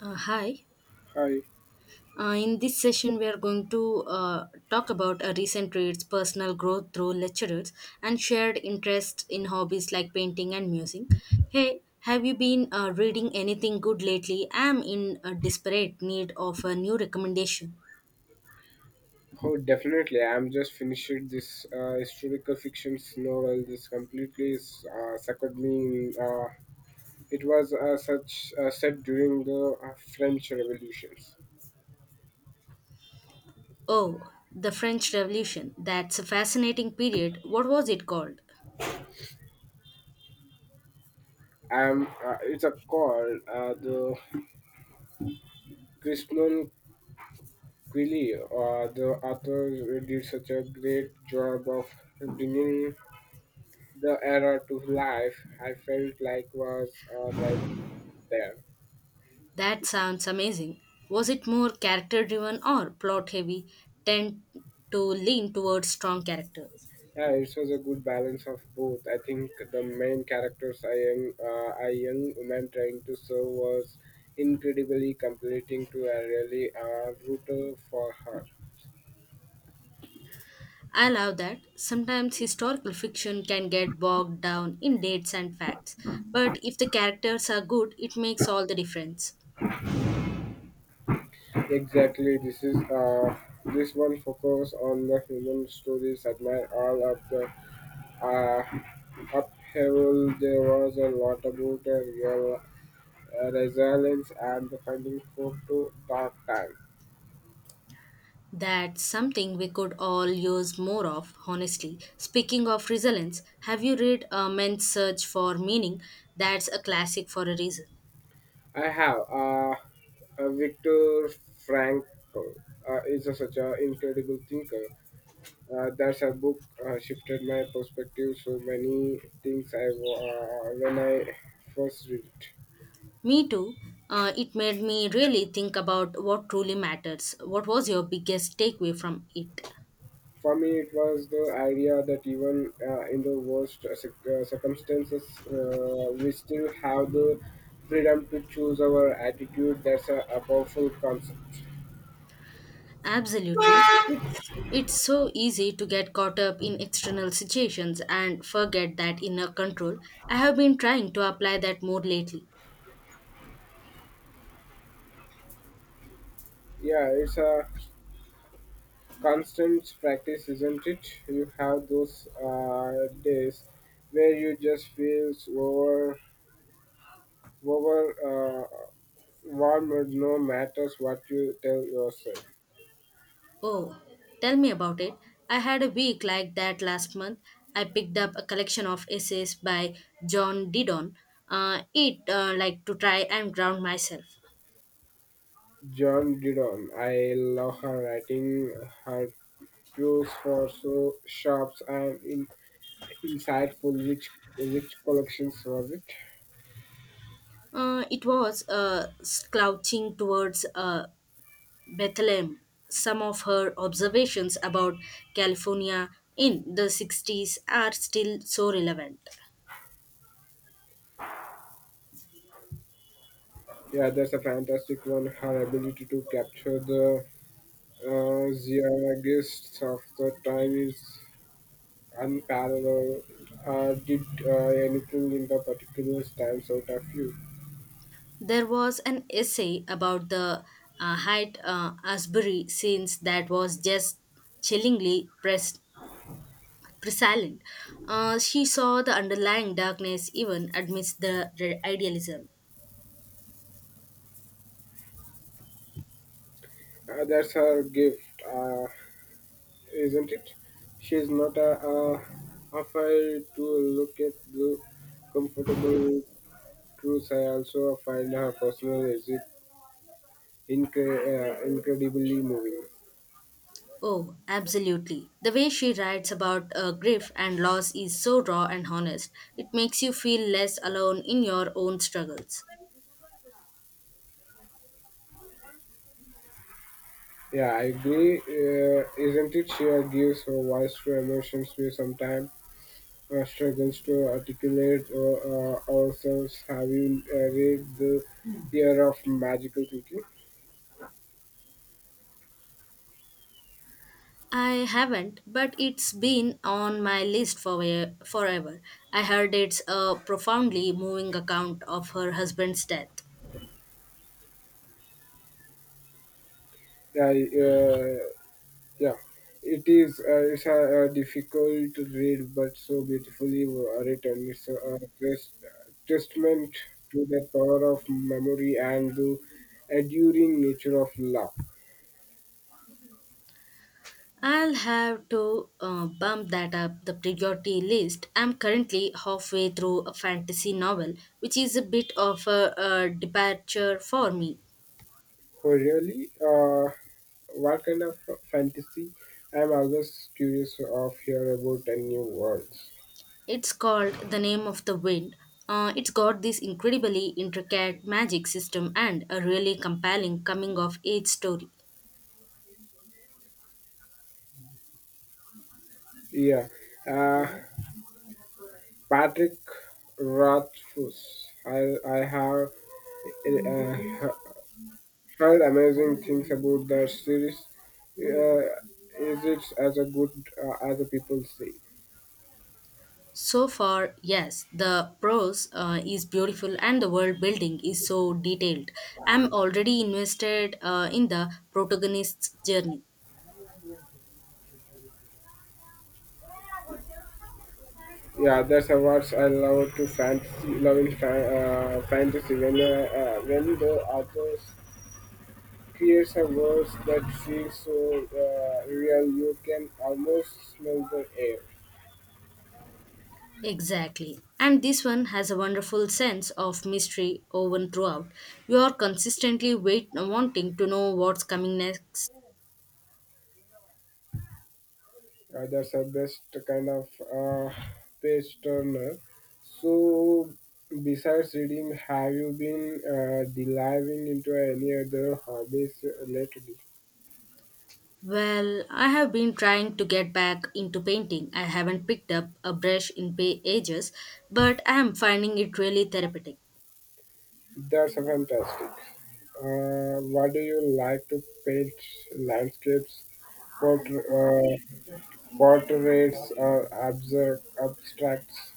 Hi. Hi. In this session, we are going to talk about a recent traits, personal growth through lectures and shared interest in hobbies like painting and music. Hey, have you been reading anything good lately? I am in a desperate need of a new recommendation. Oh, definitely. I'm just finished this historical fiction novel. This completely suckered me. It was such set during the French revolutions. Oh, the French Revolution. That's a fascinating period. What was it called? It's a called the Christian Quilly. The author did such a great job of bringing the era to life. I felt like was right there. That sounds amazing. Was it more character driven or plot heavy? Tend to lean towards strong character. Yeah, it was a good balance of both. I think the main characters, a young, a young woman trying to serve, was incredibly completing to a really rooter for her. I love that. Sometimes historical fiction can get bogged down in dates and facts, but if the characters are good, it makes all the difference. Exactly, this one focus on the human stories. Admire all of the uh, upheaval. There was a lot about a real resilience and the finding hope to dark time. That's something we could all use more of, honestly. Speaking of resilience, have you read A Man's Search for Meaning? That's a classic for a reason. I have. Victor Frankl is a, such an incredible thinker. That's a book shifted my perspective so many things when I first read it. Me too. It made me really think about what truly matters. What was your biggest takeaway from it? For me, it was the idea that even in the worst circumstances, we still have the freedom to choose our attitude. That's a powerful concept. Absolutely. It's so easy to get caught up in external situations and forget that inner control. I have been trying to apply that more lately. Yeah, it's a constant practice, isn't it? You have those days where you just feel over, over uh, warmed no matters what you tell yourself. Oh, tell me about it. I had a week like that last month. I picked up a collection of essays by John Didon. It like to try and ground myself. John Didon, I love her writing. Her clues for so sharp and insightful. Which collections was it? It was slouching towards Bethlehem, some of her observations about California in the sixties are still so relevant. Yeah, that's a fantastic one. Her ability to capture the zeitgeist of the time is unparalleled. Did anything in the particular times out of you? There was an essay about the Haight Asbury scenes that was just chillingly pres- prescient. She saw the underlying darkness even amidst the idealism. That's her gift, isn't it? She's not afraid to look at the comfortable truths. I also find her personal exit incredibly moving. Oh, absolutely. The way she writes about grief and loss is so raw and honest. It makes you feel less alone in your own struggles. Yeah, I agree. Isn't it? She gives her voice to emotions we sometimes struggles to articulate ourselves. Have you read the Year of Magical Thinking? I haven't, but it's been on my list for forever. I heard it's a profoundly moving account of her husband's death. I, uh, yeah, it is. It's difficult to read, but so beautifully written. It's a testament to the power of memory and the enduring nature of love. I'll have to bump that up the priority list. I'm currently halfway through a fantasy novel, which is a bit of a departure for me. Oh, really? What kind of fantasy? I'm always curious of hear about a new worlds. It's called The Name of the Wind. It's got this incredibly intricate magic system and a really compelling coming of age story. Yeah, uh, Patrick Rothfuss. I have uh, heard amazing things about that series. Uh, is it as a good as the people say? So far, yes, the prose is beautiful and the world building is so detailed. I'm already invested in the protagonist's journey. Yeah, that's a words I love to fantasy, fantasy when the authors creates a world that feels so real, you can almost smell the air. Exactly. And this one has a wonderful sense of mystery woven throughout. You are consistently wait wanting to know what's coming next. That's a best kind of uh, page turner. So, besides reading, have you been delving into any other hobbies lately? Well, I have been trying to get back into painting. I haven't picked up a brush in ages, but I am finding it really therapeutic. That's a fantastic. What do you like to paint? Landscapes, portr uh, portraits, or abstracts?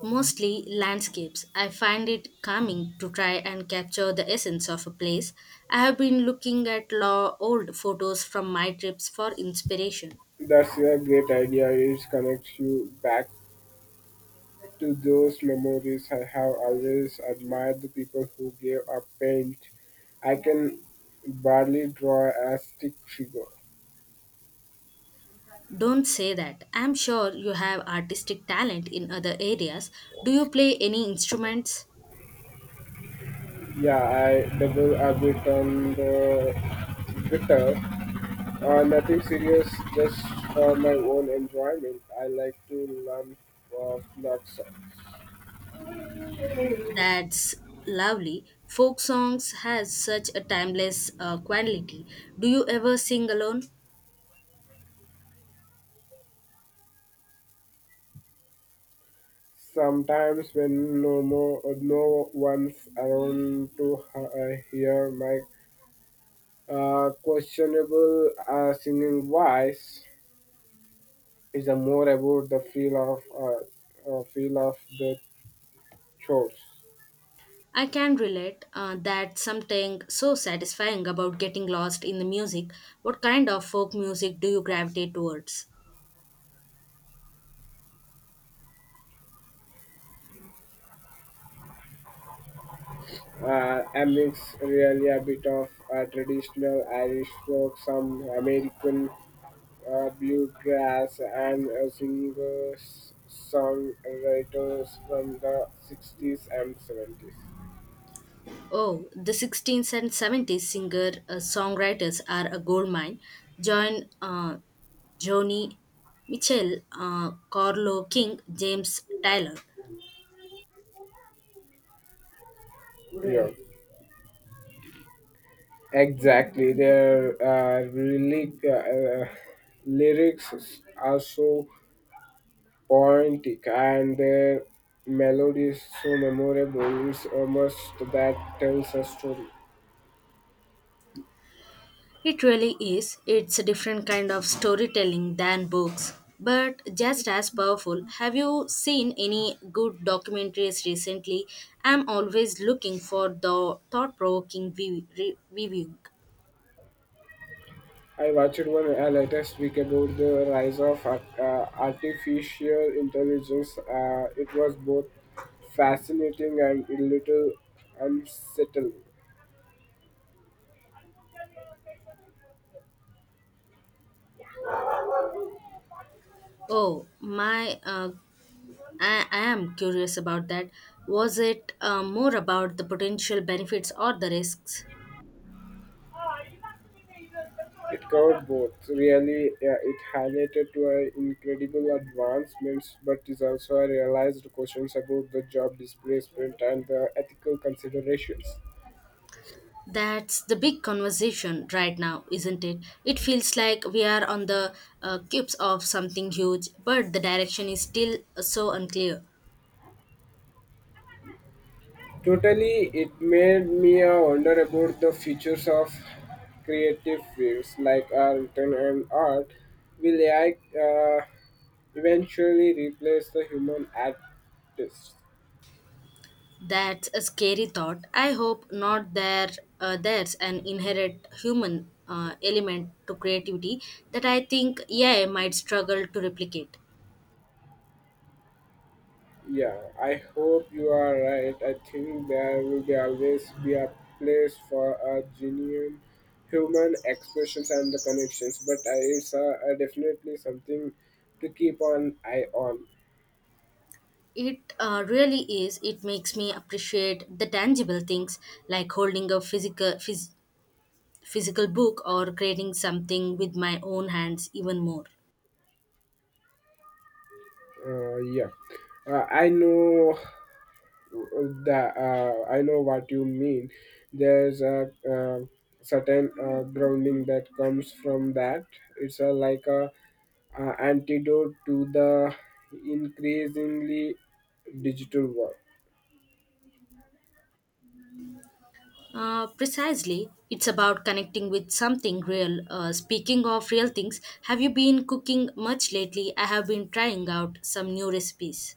Mostly landscapes. I find it calming to try and capture the essence of a place. I have been looking at old photos from my trips for inspiration. That's a great idea. It connects you back to those memories, I have always admired the people who gave up paint. I can barely draw a stick figure. Don't say that. I'm sure you have artistic talent in other areas. Do you play any instruments? Yeah, I double a bit on the guitar. Nothing serious, just for my own enjoyment. I like to learn of love songs. That's lovely. Folk songs has such a timeless quality. Do you ever sing alone? Sometimes, when no one's around to hear my questionable singing voice, is the more about the feel of the chores. I can relate that something so satisfying about getting lost in the music. What kind of folk music do you gravitate towards? A mix really a bit of traditional Irish folk, some American bluegrass, and singers, songwriters from the 60s and 70s. Oh, the 16th and 17th singer songwriters are a goldmine. John, uh, Joni Mitchell, Carlo King, James Tyler. Yeah, exactly. Their really lyrics are so poetic, and their melody is so memorable. It's almost that tells a story. It really is. It's a different kind of storytelling than books, but just as powerful. Have you seen any good documentaries recently? I'm always looking for the thought provoking review. I watched one latest week about the rise of artificial intelligence. It was both fascinating and a little unsettling. Oh, my, uh, I am curious about that. Was it more about the potential benefits or the risks? It covered both. Really, it highlighted to incredible advancements, but is also a realized questions about the job displacement and the ethical considerations. That's the big conversation right now, isn't it? It feels like we are on the cusp of something huge, but the direction is still so unclear. Totally, it made me wonder about the futures of creative fields like art and art. Will AI eventually replace the human artists? That's a scary thought. I hope not. There's an inherent human element to creativity that I think AI might struggle to replicate. Yeah, I hope you are right. I think there will be always be a place for a genuine human expressions and the connections, but it's definitely something to keep an eye on. It really is. It makes me appreciate the tangible things like holding a physical book or creating something with my own hands even more. Uh, yeah, I know that I know what you mean. There's a certain grounding that comes from that. It's a, like a antidote to the increasingly digital world. Precisely, it's about connecting with something real. Speaking of real things, have you been cooking much lately? I have been trying out some new recipes.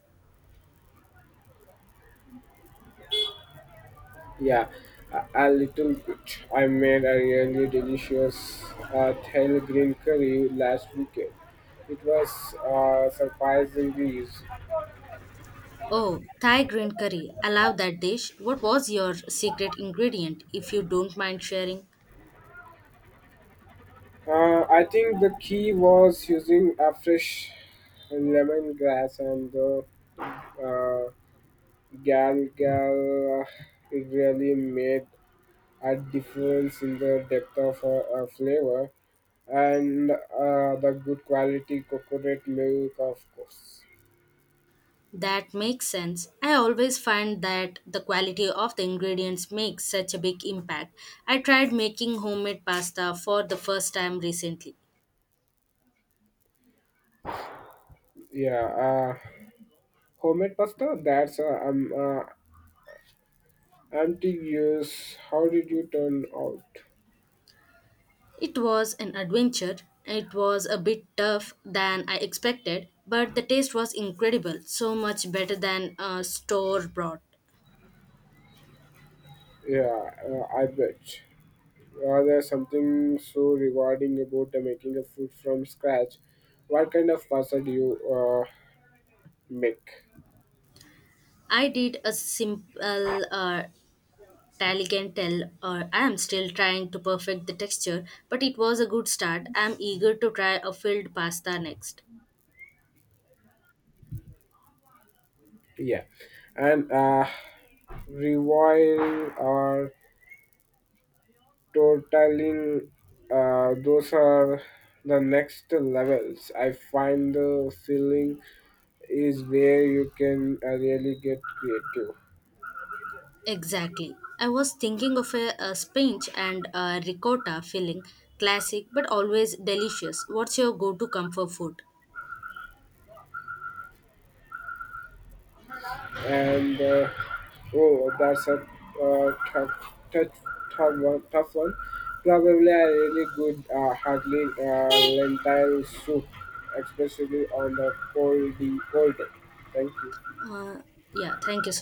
Yeah, a little bit. I made a really delicious Thai green curry last weekend. It was surprisingly easy. Oh, Thai green curry. I love that dish. What was your secret ingredient, if you don't mind sharing? I think the key was using a fresh lemongrass and the uh, gal gal. It really made a difference in the depth of flavor and the good quality coconut milk, of course. That makes sense. I always find that the quality of the ingredients makes such a big impact. I tried making homemade pasta for the first time recently. Yeah, uh, Homemade pasta. That's empty use. How did you turn out? It was an adventure. It was a bit tough than I expected, but the taste was incredible, so much better than a store bought. Yeah, I bet. There's something so rewarding about making a food from scratch. What kind of pasta do you make? I did a simple tagliatelle, or I am still trying to perfect the texture, but it was a good start. I am eager to try a filled pasta next. Yeah, and Revoil or totaling, those are the next levels. I find the feeling is where you can really get creative. Exactly. I was thinking of a spinach and a ricotta filling, classic but always delicious. What's your go to comfort food? And Oh, that's a uh, tough, tough, tough one. Tough one. Probably a really good hardly lentil soup, especially on a cold day. Thank you. Uh, yeah, thank you so